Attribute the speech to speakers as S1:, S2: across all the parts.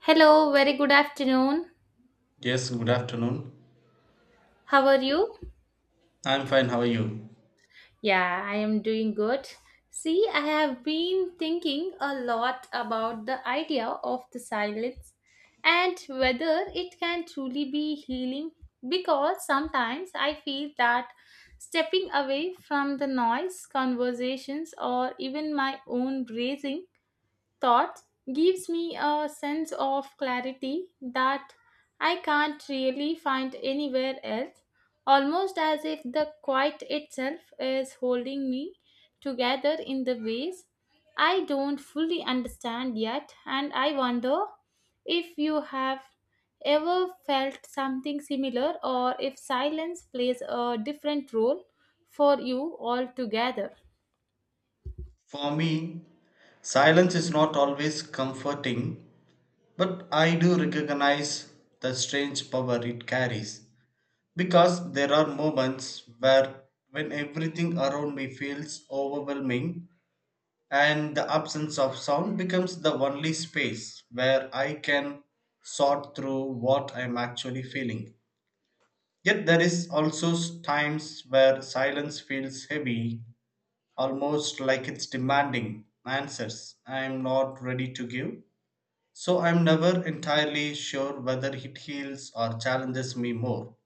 S1: Hello, very good afternoon.
S2: Yes, good afternoon.
S1: How are you?
S2: I'm fine, how are you?
S1: Yeah, I am doing good. See, I have been thinking a lot about the idea of the silence and whether it can truly be healing because sometimes I feel that stepping away from the noise, conversations, or even my own breathing thoughts gives me a sense of clarity that I can't really find anywhere else, almost as if the quiet itself is holding me together in the ways I don't fully understand yet, and I wonder if you have ever felt something similar or if silence plays a different role for you altogether.
S2: For me, silence is not always comforting, but I do recognize the strange power it carries, because there are moments where when everything around me feels overwhelming and the absence of sound becomes the only space where I can sort through what I'm actually feeling. Yet there is also times where silence feels heavy, almost like it's demanding answers I'm not ready to give. So I'm never entirely sure whether it heals or challenges me more.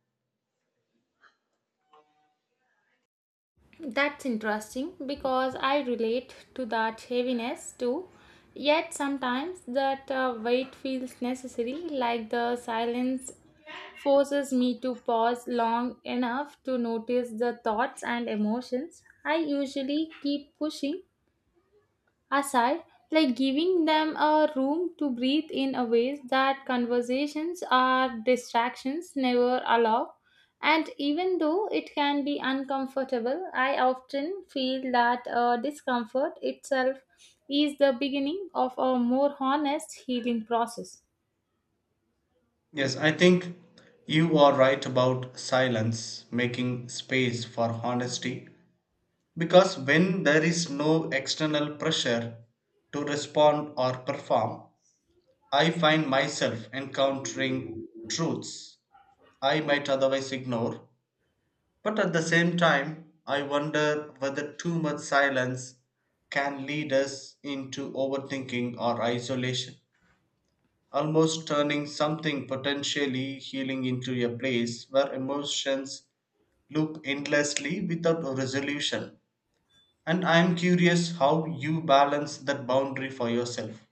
S1: That's interesting because I relate to that heaviness too. Yet sometimes that weight feels necessary, like the silence forces me to pause long enough to notice the thoughts and emotions I usually keep pushing aside, like giving them a room to breathe in a ways that conversations or distractions never allow. And even though it can be uncomfortable, I often feel that discomfort itself is the beginning of a more honest healing process.
S2: Yes, I think you are right about silence making space for honesty, because when there is no external pressure to respond or perform, I find myself encountering truths I might otherwise ignore. But at the same time, I wonder whether too much silence can lead us into overthinking or isolation, almost turning something potentially healing into a place where emotions loop endlessly without a resolution. And I'm curious how you balance that boundary for yourself.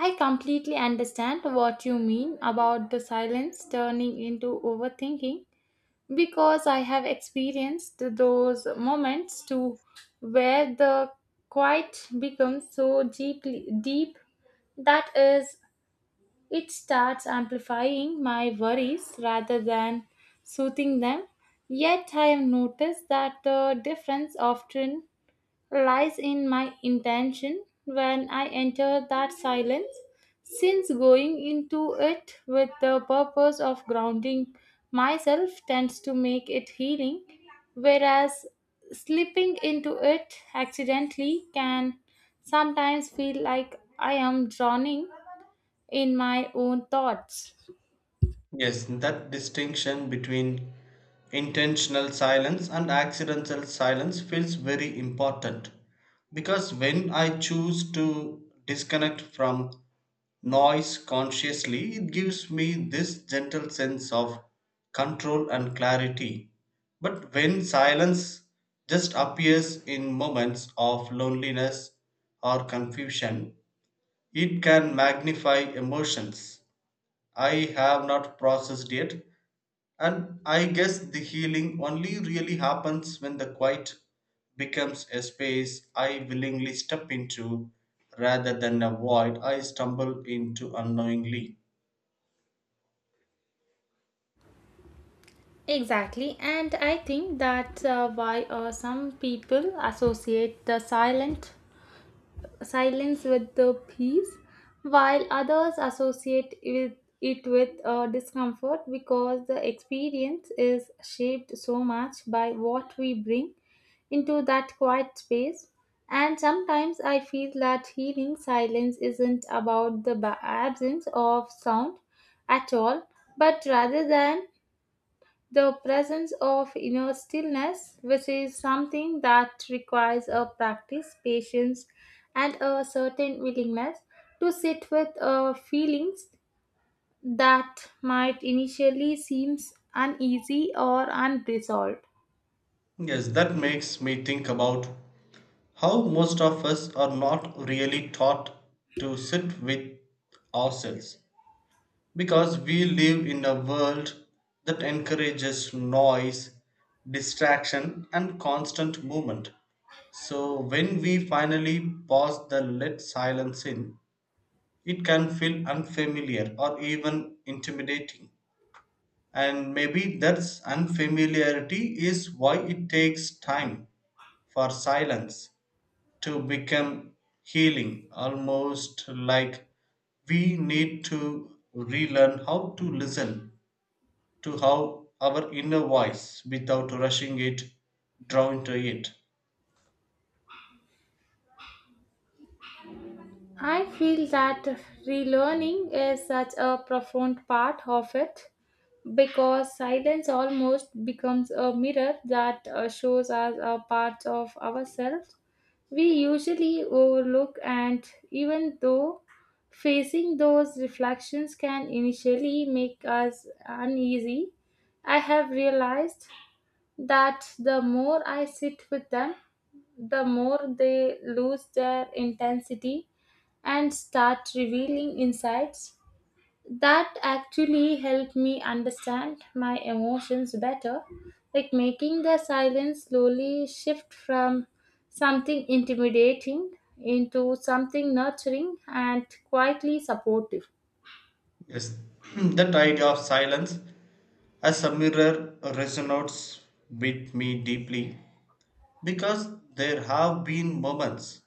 S1: I completely understand what you mean about the silence turning into overthinking because I have experienced those moments too, where the quiet becomes so deeply deep, that is, it starts amplifying my worries rather than soothing them. Yet I have noticed that the difference often lies in my intention when I enter that silence, since going into it with the purpose of grounding myself tends to make it healing, whereas slipping into it accidentally can sometimes feel like I am drowning in my own thoughts.
S2: Yes, that distinction between intentional silence and accidental silence feels very important, because when I choose to disconnect from noise consciously, it gives me this gentle sense of control and clarity. But when silence just appears in moments of loneliness or confusion, it can magnify emotions I have not processed yet, and I guess the healing only really happens when the quiet becomes a space I willingly step into rather than a void I stumble into unknowingly.
S1: Exactly, and I think that's why some people associate the silent silence with the peace, while others associate with it with discomfort because the experience is shaped so much by what we bring into that quiet space. And sometimes I feel that healing silence isn't about the absence of sound at all, but rather than the presence of inner stillness, which is something that requires a practice, patience, and a certain willingness to sit with feelings that might initially seem uneasy or unresolved.
S2: Yes, that makes me think about how most of us are not really taught to sit with ourselves. Because we live in a world that encourages noise, distraction, and constant movement. So, when we finally pause the let silence in, it can feel unfamiliar or even intimidating. And maybe that's unfamiliarity is why it takes time for silence to become healing, almost like we need to relearn how to listen to how our inner voice, without rushing it, drown to it.
S1: I feel that relearning is such a profound part of it because silence almost becomes a mirror that shows us parts of ourselves we usually overlook, and even though facing those reflections can initially make us uneasy, I have realized that the more I sit with them, the more they lose their intensity and start revealing insights that actually helped me understand my emotions better, like making the silence slowly shift from something intimidating into something nurturing and quietly supportive.
S2: Yes, that idea of silence as a mirror resonates with me deeply, because there have been moments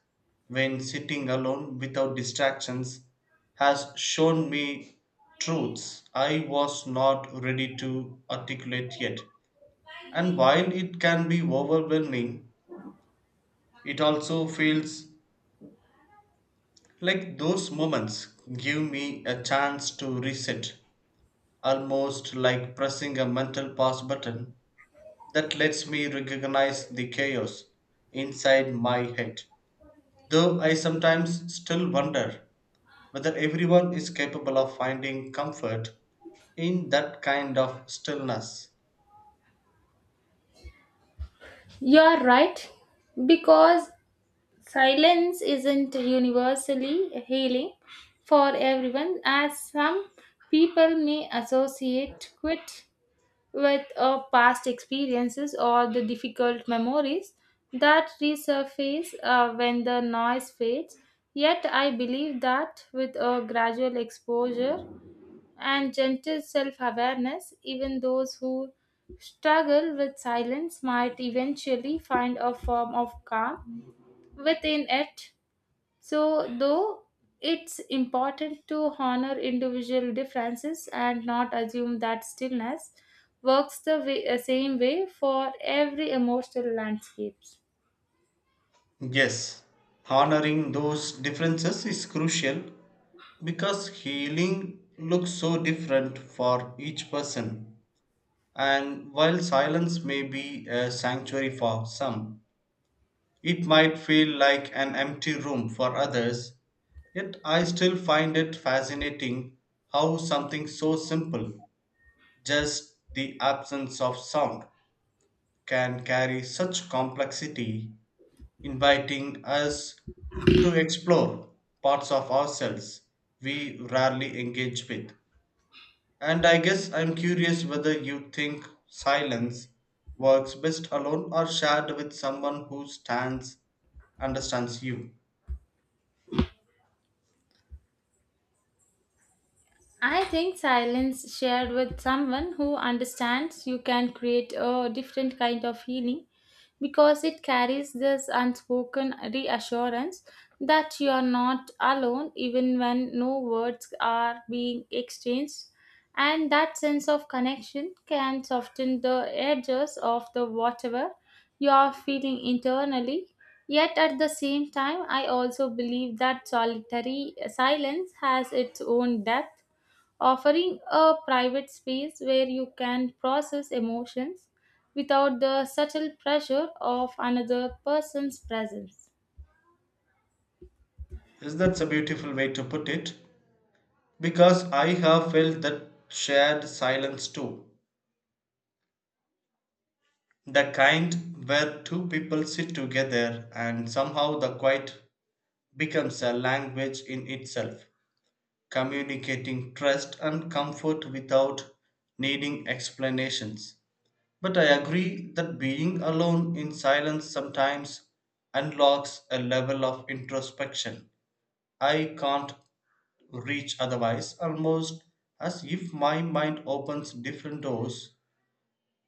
S2: when sitting alone without distractions has shown me truths I was not ready to articulate yet. And while it can be overwhelming, it also feels like those moments give me a chance to reset, almost like pressing a mental pause button that lets me recognize the chaos inside my head. Though I sometimes still wonder whether everyone is capable of finding comfort in that kind of stillness.
S1: You are right, because silence isn't universally healing for everyone, as some people may associate quit with past experiences or the difficult memories that resurface when the noise fades. Yet, I believe that with a gradual exposure and gentle self awareness, even those who struggle with silence might eventually find a form of calm within it. So, though, it's important to honor individual differences and not assume that stillness works the way, same way for every emotional landscapes.
S2: Yes, honoring those differences is crucial, because healing looks so different for each person. And while silence may be a sanctuary for some, it might feel like an empty room for others. Yet I still find it fascinating how something so simple, just the absence of sound, can carry such complexity, inviting us to explore parts of ourselves we rarely engage with. And I guess I'm curious whether you think silence works best alone or shared with someone who stands understands you.
S1: I think silence shared with someone who understands you can create a different kind of healing because it carries this unspoken reassurance that you are not alone even when no words are being exchanged, and that sense of connection can soften the edges of the whatever you are feeling internally. Yet at the same time I also believe that solitary silence has its own depth, offering a private space where you can process emotions without the subtle pressure of another person's presence.
S2: Yes, that's a beautiful way to put it, because I have felt that shared silence too. The kind where two people sit together and somehow the quiet becomes a language in itself, communicating trust and comfort without needing explanations. But I agree that being alone in silence sometimes unlocks a level of introspection I can't reach otherwise, almost as if my mind opens different doors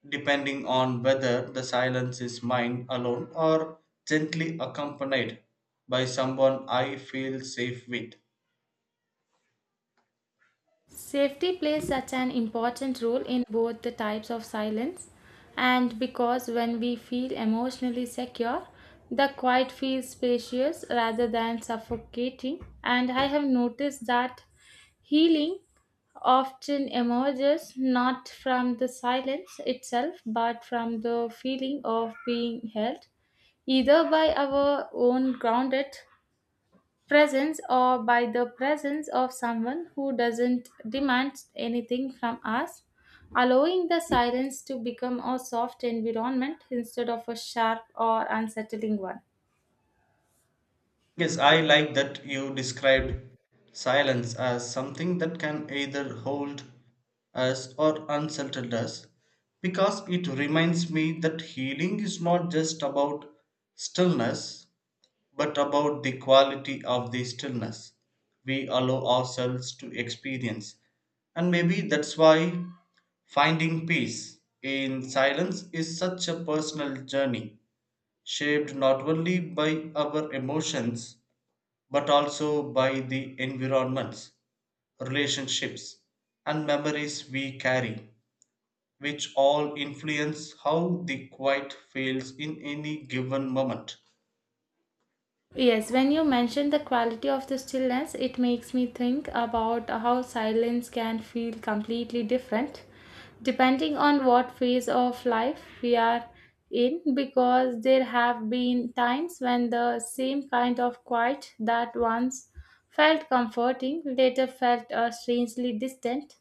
S2: depending on whether the silence is mine alone or gently accompanied by someone I feel safe with.
S1: Safety plays such an important role in both the types of silence, and because when we feel emotionally secure, the quiet feels spacious rather than suffocating. And I have noticed that healing often emerges not from the silence itself but from the feeling of being held, either by our own grounded presence or by the presence of someone who doesn't demand anything from us, allowing the silence to become a soft environment instead of a sharp or unsettling one.
S2: Yes, I like that you described silence as something that can either hold us or unsettle us, because it reminds me that healing is not just about stillness but about the quality of the stillness we allow ourselves to experience. And maybe that's why finding peace in silence is such a personal journey, shaped not only by our emotions but also by the environments, relationships, and memories we carry, which all influence how the quiet feels in any given moment.
S1: Yes, when you mention the quality of the stillness, it makes me think about how silence can feel completely different depending on what phase of life we are in, because there have been times when the same kind of quiet that once felt comforting later felt strangely distant,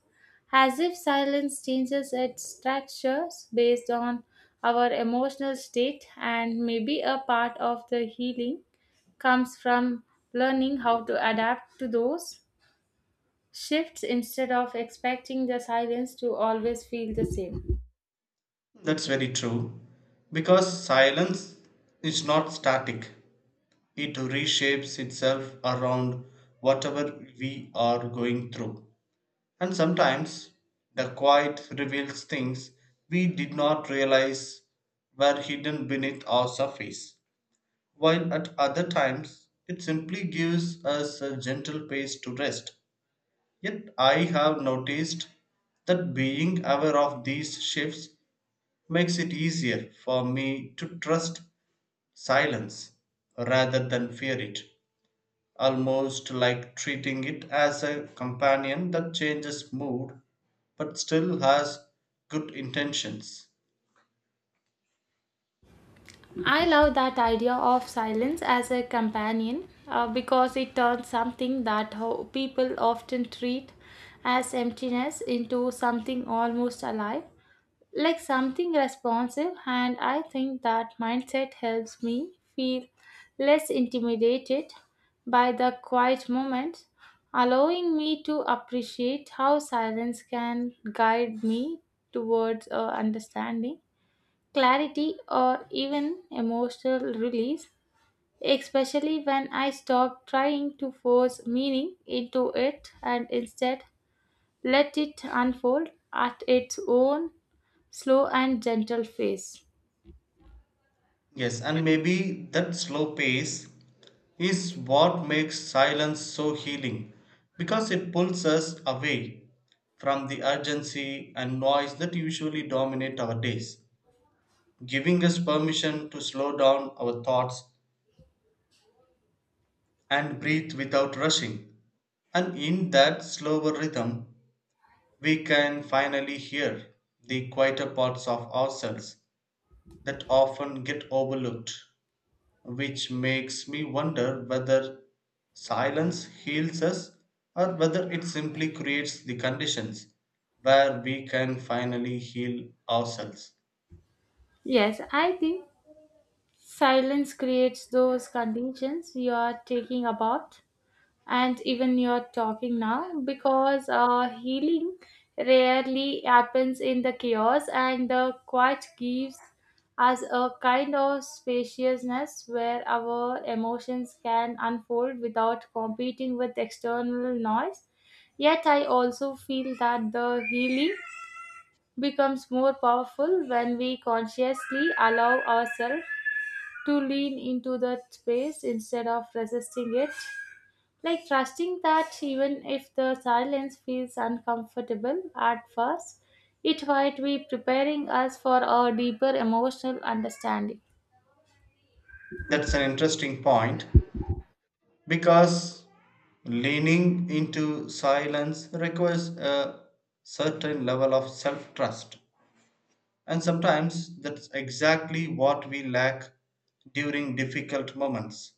S1: as if silence changes its structures based on our emotional state, and maybe a part of the healing comes from learning how to adapt to those shifts instead of expecting the silence to always feel the same.
S2: That's very true. Because silence is not static, it reshapes itself around whatever we are going through. And sometimes the quiet reveals things we did not realize were hidden beneath our surface, while at other times it simply gives us a gentle pace to rest. Yet I have noticed that being aware of these shifts makes it easier for me to trust silence rather than fear it, almost like treating it as a companion that changes mood but still has good intentions.
S1: I love that idea of silence as a companion because it turns something that people often treat as emptiness into something almost alive, like something responsive, and I think that mindset helps me feel less intimidated by the quiet moments, allowing me to appreciate how silence can guide me towards understanding, clarity, or even emotional release, especially when I stop trying to force meaning into it and instead let it unfold at its own slow and gentle phase.
S2: Yes, and maybe that slow pace is what makes silence so healing, because it pulls us away from the urgency and noise that usually dominate our days, giving us permission to slow down our thoughts and breathe without rushing. And in that slower rhythm, we can finally hear the quieter parts of ourselves that often get overlooked, which makes me wonder whether silence heals us or whether it simply creates the conditions where we can finally heal ourselves.
S1: Yes, I think silence creates those conditions you are taking about, and even you're talking now, because healing rarely happens in the chaos, and the quiet gives us a kind of spaciousness where our emotions can unfold without competing with external noise. Yet, I also feel that the healing becomes more powerful when we consciously allow ourselves to lean into that space instead of resisting it, like trusting that even if the silence feels uncomfortable at first, it might be preparing us for a deeper emotional understanding.
S2: That's an interesting point, because leaning into silence requires a certain level of self trust, and sometimes that's exactly what we lack during difficult moments.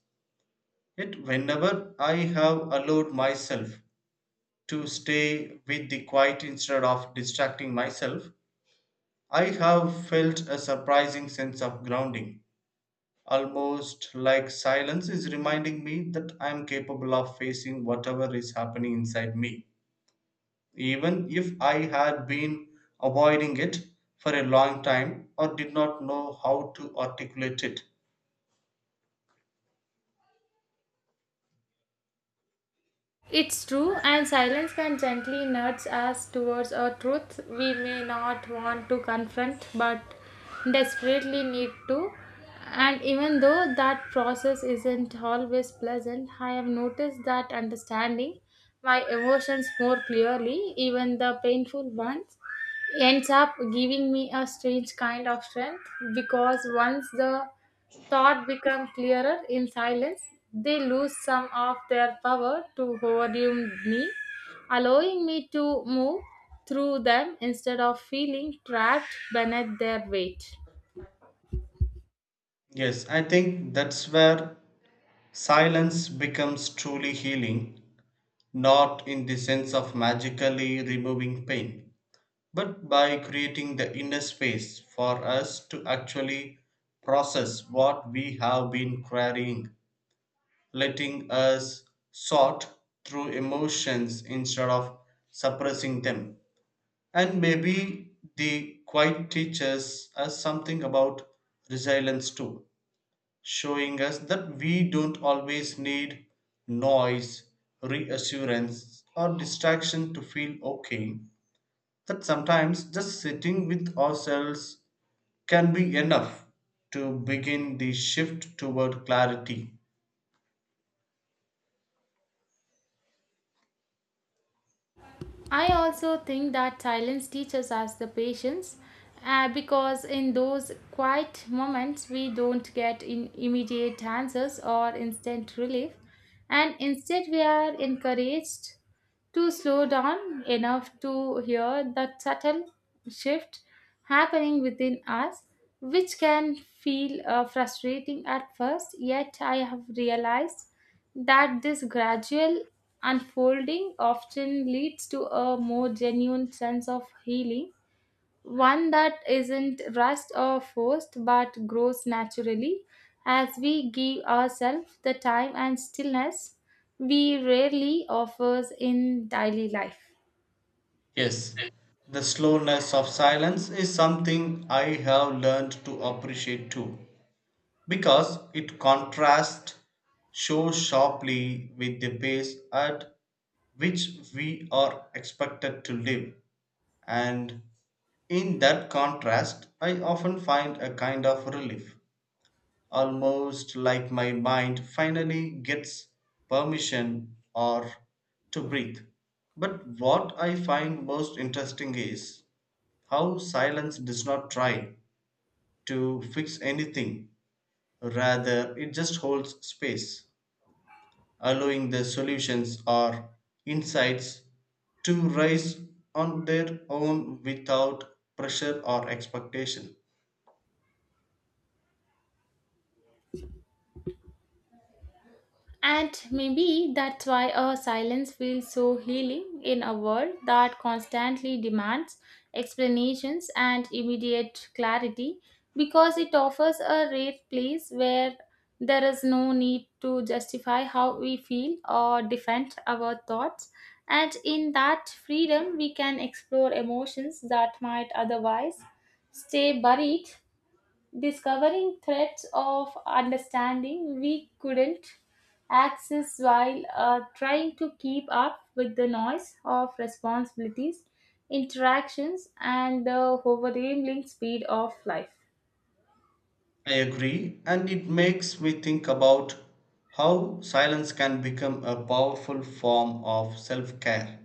S2: Yet, whenever I have allowed myself to stay with the quiet instead of distracting myself, I have felt a surprising sense of grounding, almost like silence is reminding me that I am capable of facing whatever is happening inside me, even if I had been avoiding it for a long time or did not know how to articulate it.
S1: It's true, and silence can gently nudge us towards a truth we may not want to confront but desperately need to. And even though that process isn't always pleasant, I have noticed that understanding my emotions more clearly, even the painful ones, ends up giving me a strange kind of strength, because once the thought become clearer in silence, they lose some of their power to overwhelm me, allowing me to move through them instead of feeling trapped beneath their weight.
S2: Yes, I think that's where silence becomes truly healing, not in the sense of magically removing pain, but by creating the inner space for us to actually process what we have been carrying, letting us sort through emotions instead of suppressing them. And maybe the quiet teaches us something about resilience too, showing us that we don't always need noise, reassurance, or distraction to feel okay, that sometimes just sitting with ourselves can be enough to begin the shift toward clarity.
S1: I also think that silence teaches us the patience because in those quiet moments we don't get in immediate answers or instant relief, and instead we are encouraged to slow down enough to hear the subtle shift happening within us, which can feel frustrating at first. Yet I have realized that this gradual unfolding often leads to a more genuine sense of healing, one that isn't rushed or forced but grows naturally, as we give ourselves the time and stillness we rarely offers in daily life.
S2: Yes, the slowness of silence is something I have learned to appreciate too, because it contrasts so sharply with the pace at which we are expected to live. And in that contrast, I often find a kind of relief, almost like my mind finally gets permission or to breathe. But what I find most interesting is how silence does not try to fix anything, rather, it just holds space, allowing the solutions or insights to rise on their own without pressure or expectation.
S1: And maybe that's why a silence feels so healing in a world that constantly demands explanations and immediate clarity, because it offers a rare place where there is no need to justify how we feel or defend our thoughts. And in that freedom, we can explore emotions that might otherwise stay buried, discovering threads of understanding we couldn't access while trying to keep up with the noise of responsibilities, interactions, and the overwhelming speed of life.
S2: I agree, and it makes me think about how silence can become a powerful form of self care,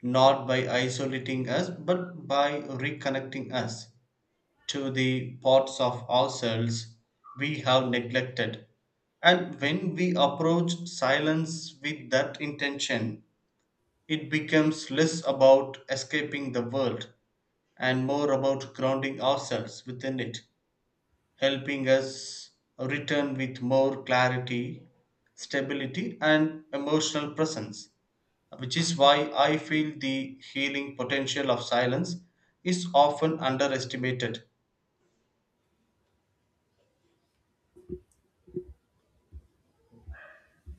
S2: not by isolating us, but by reconnecting us to the parts of ourselves we have neglected. And when we approach silence with that intention, it becomes less about escaping the world and more about grounding ourselves within it, helping us return with more clarity, stability, and emotional presence, which is why I feel the healing potential of silence is often underestimated.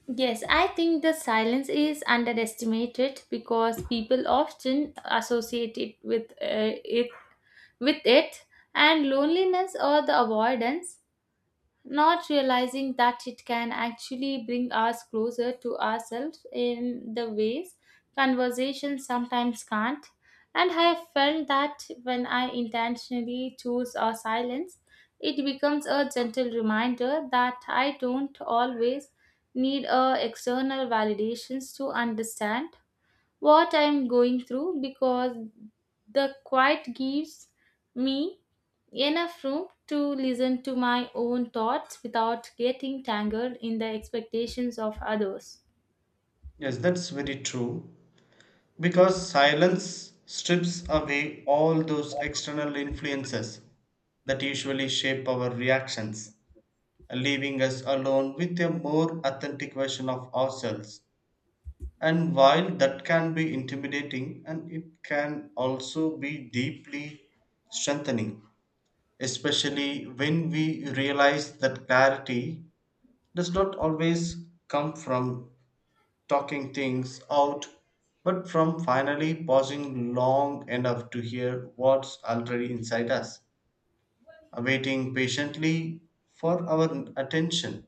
S1: Yes, I think the silence is underestimated because people often associate it with it and loneliness or the avoidance, not realizing that it can actually bring us closer to ourselves in the ways conversations sometimes can't. And I have felt that when I intentionally choose our silence, it becomes a gentle reminder that I don't always need a external validations to understand what I'm going through, because the quiet gives me enough room to listen to my own thoughts without getting tangled in the expectations of others.
S2: Yes, that's very true. Because silence strips away all those external influences that usually shape our reactions, leaving us alone with a more authentic version of ourselves. And while that can be intimidating, and it can also be deeply strengthening, especially when we realize that clarity does not always come from talking things out, but from finally pausing long enough to hear what's already inside us, awaiting patiently for our attention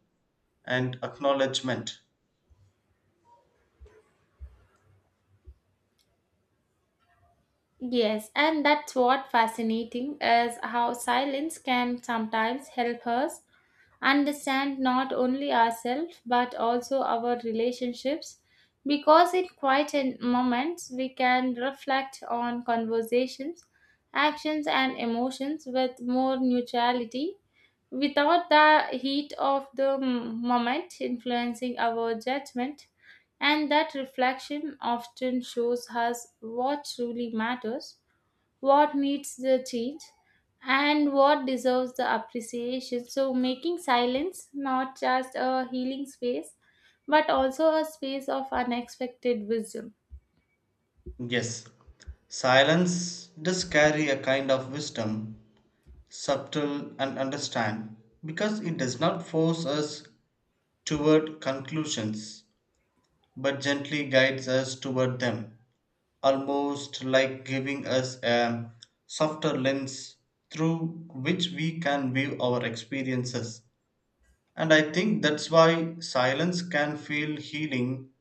S2: and acknowledgement.
S1: Yes, and that's what fascinating is how silence can sometimes help us understand not only ourselves but also our relationships, because in quiet moments we can reflect on conversations, actions and emotions with more neutrality, without the heat of the moment influencing our judgment, and that reflection often shows us what truly matters, what needs the change, and what deserves the appreciation. So, making silence not just a healing space but also a space of unexpected wisdom.
S2: Yes, silence does carry a kind of wisdom, subtle and understand, because it does not force us toward conclusions, but gently guides us toward them, almost like giving us a softer lens through which we can view our experiences. And I think that's why silence can feel healing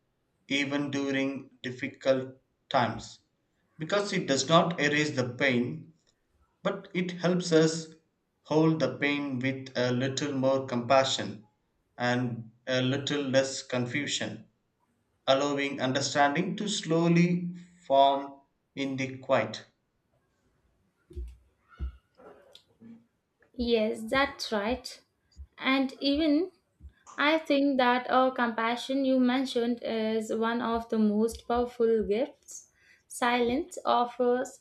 S2: even during difficult times, because it does not erase the pain, but it helps us hold the pain with a little more compassion and a little less confusion, allowing understanding to slowly form in the quiet.
S1: Yes, that's right. And even I think that compassion you mentioned is one of the most powerful gifts silence offers,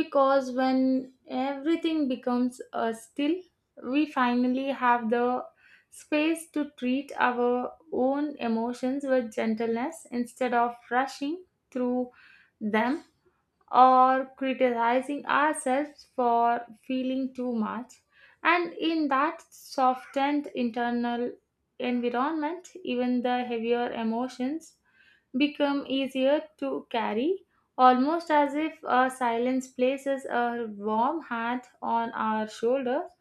S1: because when everything becomes still, we finally have the space to treat our own emotions with gentleness instead of rushing through them or criticizing ourselves for feeling too much. And in that softened internal environment, even the heavier emotions become easier to carry, almost as if a silence places a warm hand on our shoulders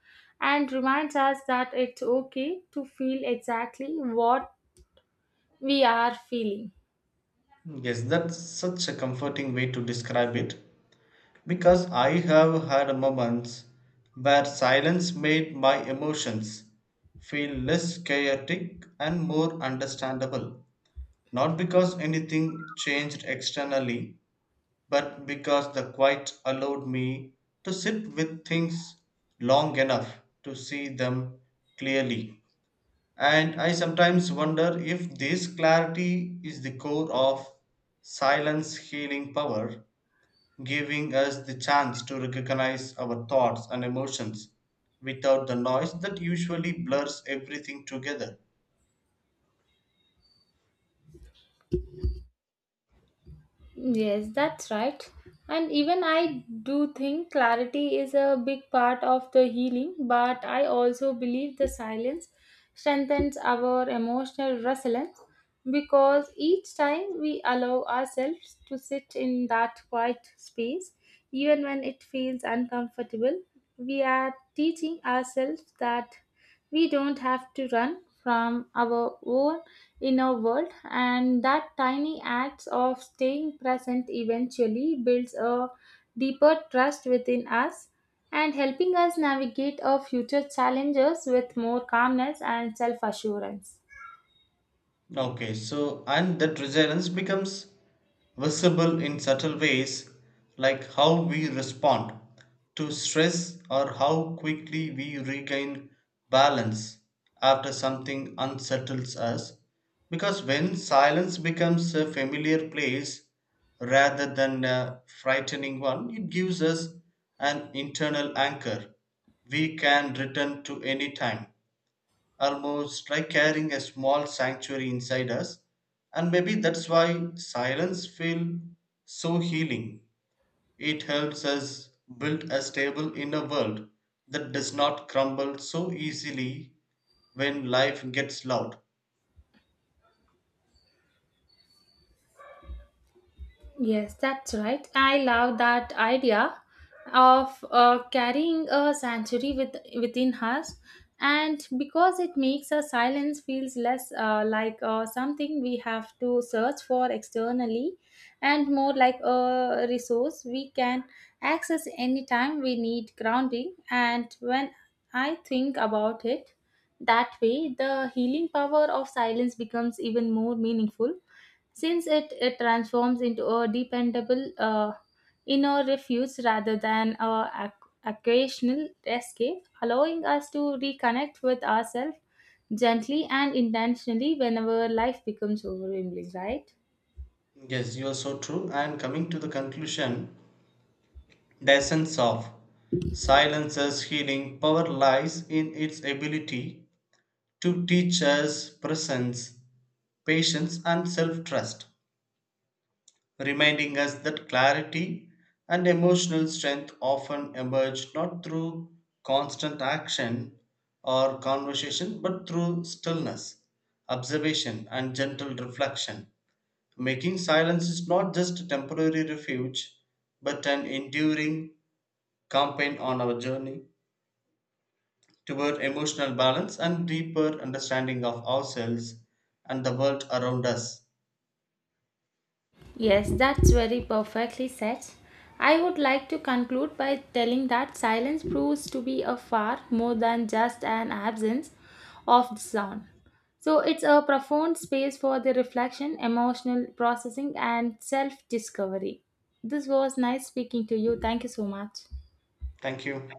S1: and reminds us that it's okay to feel exactly what we are feeling.
S2: Yes, that's such a comforting way to describe it. Because I have had moments where silence made my emotions feel less chaotic and more understandable. Not because anything changed externally, but because the quiet allowed me to sit with things long enough to see them clearly. And I sometimes wonder if this clarity is the core of silence healing power, giving us the chance to recognize our thoughts and emotions without the noise that usually blurs everything together.
S1: Yes, that's right. And even I do think clarity is a big part of the healing, but I also believe the silence strengthens our emotional resilience, because each time we allow ourselves to sit in that quiet space, even when it feels uncomfortable, we are teaching ourselves that we don't have to run from our own inner world, and that tiny acts of staying present eventually builds a deeper trust within us and helping us navigate our future challenges with more calmness and self assurance.
S2: Okay, so and that resilience becomes visible in subtle ways, like how we respond to stress or how quickly we regain balance after something unsettles us. Because when silence becomes a familiar place rather than a frightening one, it gives us an internal anchor we can return to any time, almost like carrying a small sanctuary inside us. And maybe that's why silence feels so healing. It helps us build a stable inner world that does not crumble so easily when life gets loud.
S1: Yes, that's right. I love that idea of carrying a sanctuary within us, and because it makes a silence feels less like something we have to search for externally, and more like a resource we can access anytime we need grounding. And when I think about it that way, the healing power of silence becomes even more meaningful, since it transforms into a dependable inner refuge rather than a occasional escape, allowing us to reconnect with ourselves gently and intentionally whenever life becomes overwhelming, right?
S2: Yes, you are so true. And coming to the conclusion, the essence of silence's healing power lies in its ability to teach us presence, patience, and self trust, reminding us that clarity and emotional strength often emerge not through constant action or conversation but through stillness, observation, and gentle reflection. Making silence is not just a temporary refuge but an enduring campaign on our journey toward emotional balance and deeper understanding of ourselves and the world around us.
S1: Yes, that's very perfectly said. I would like to conclude by telling that silence proves to be a far more than just an absence of sound. So it's a profound space for the reflection, emotional processing, and self discovery. This was nice speaking to you. Thank you so much.
S2: Thank you.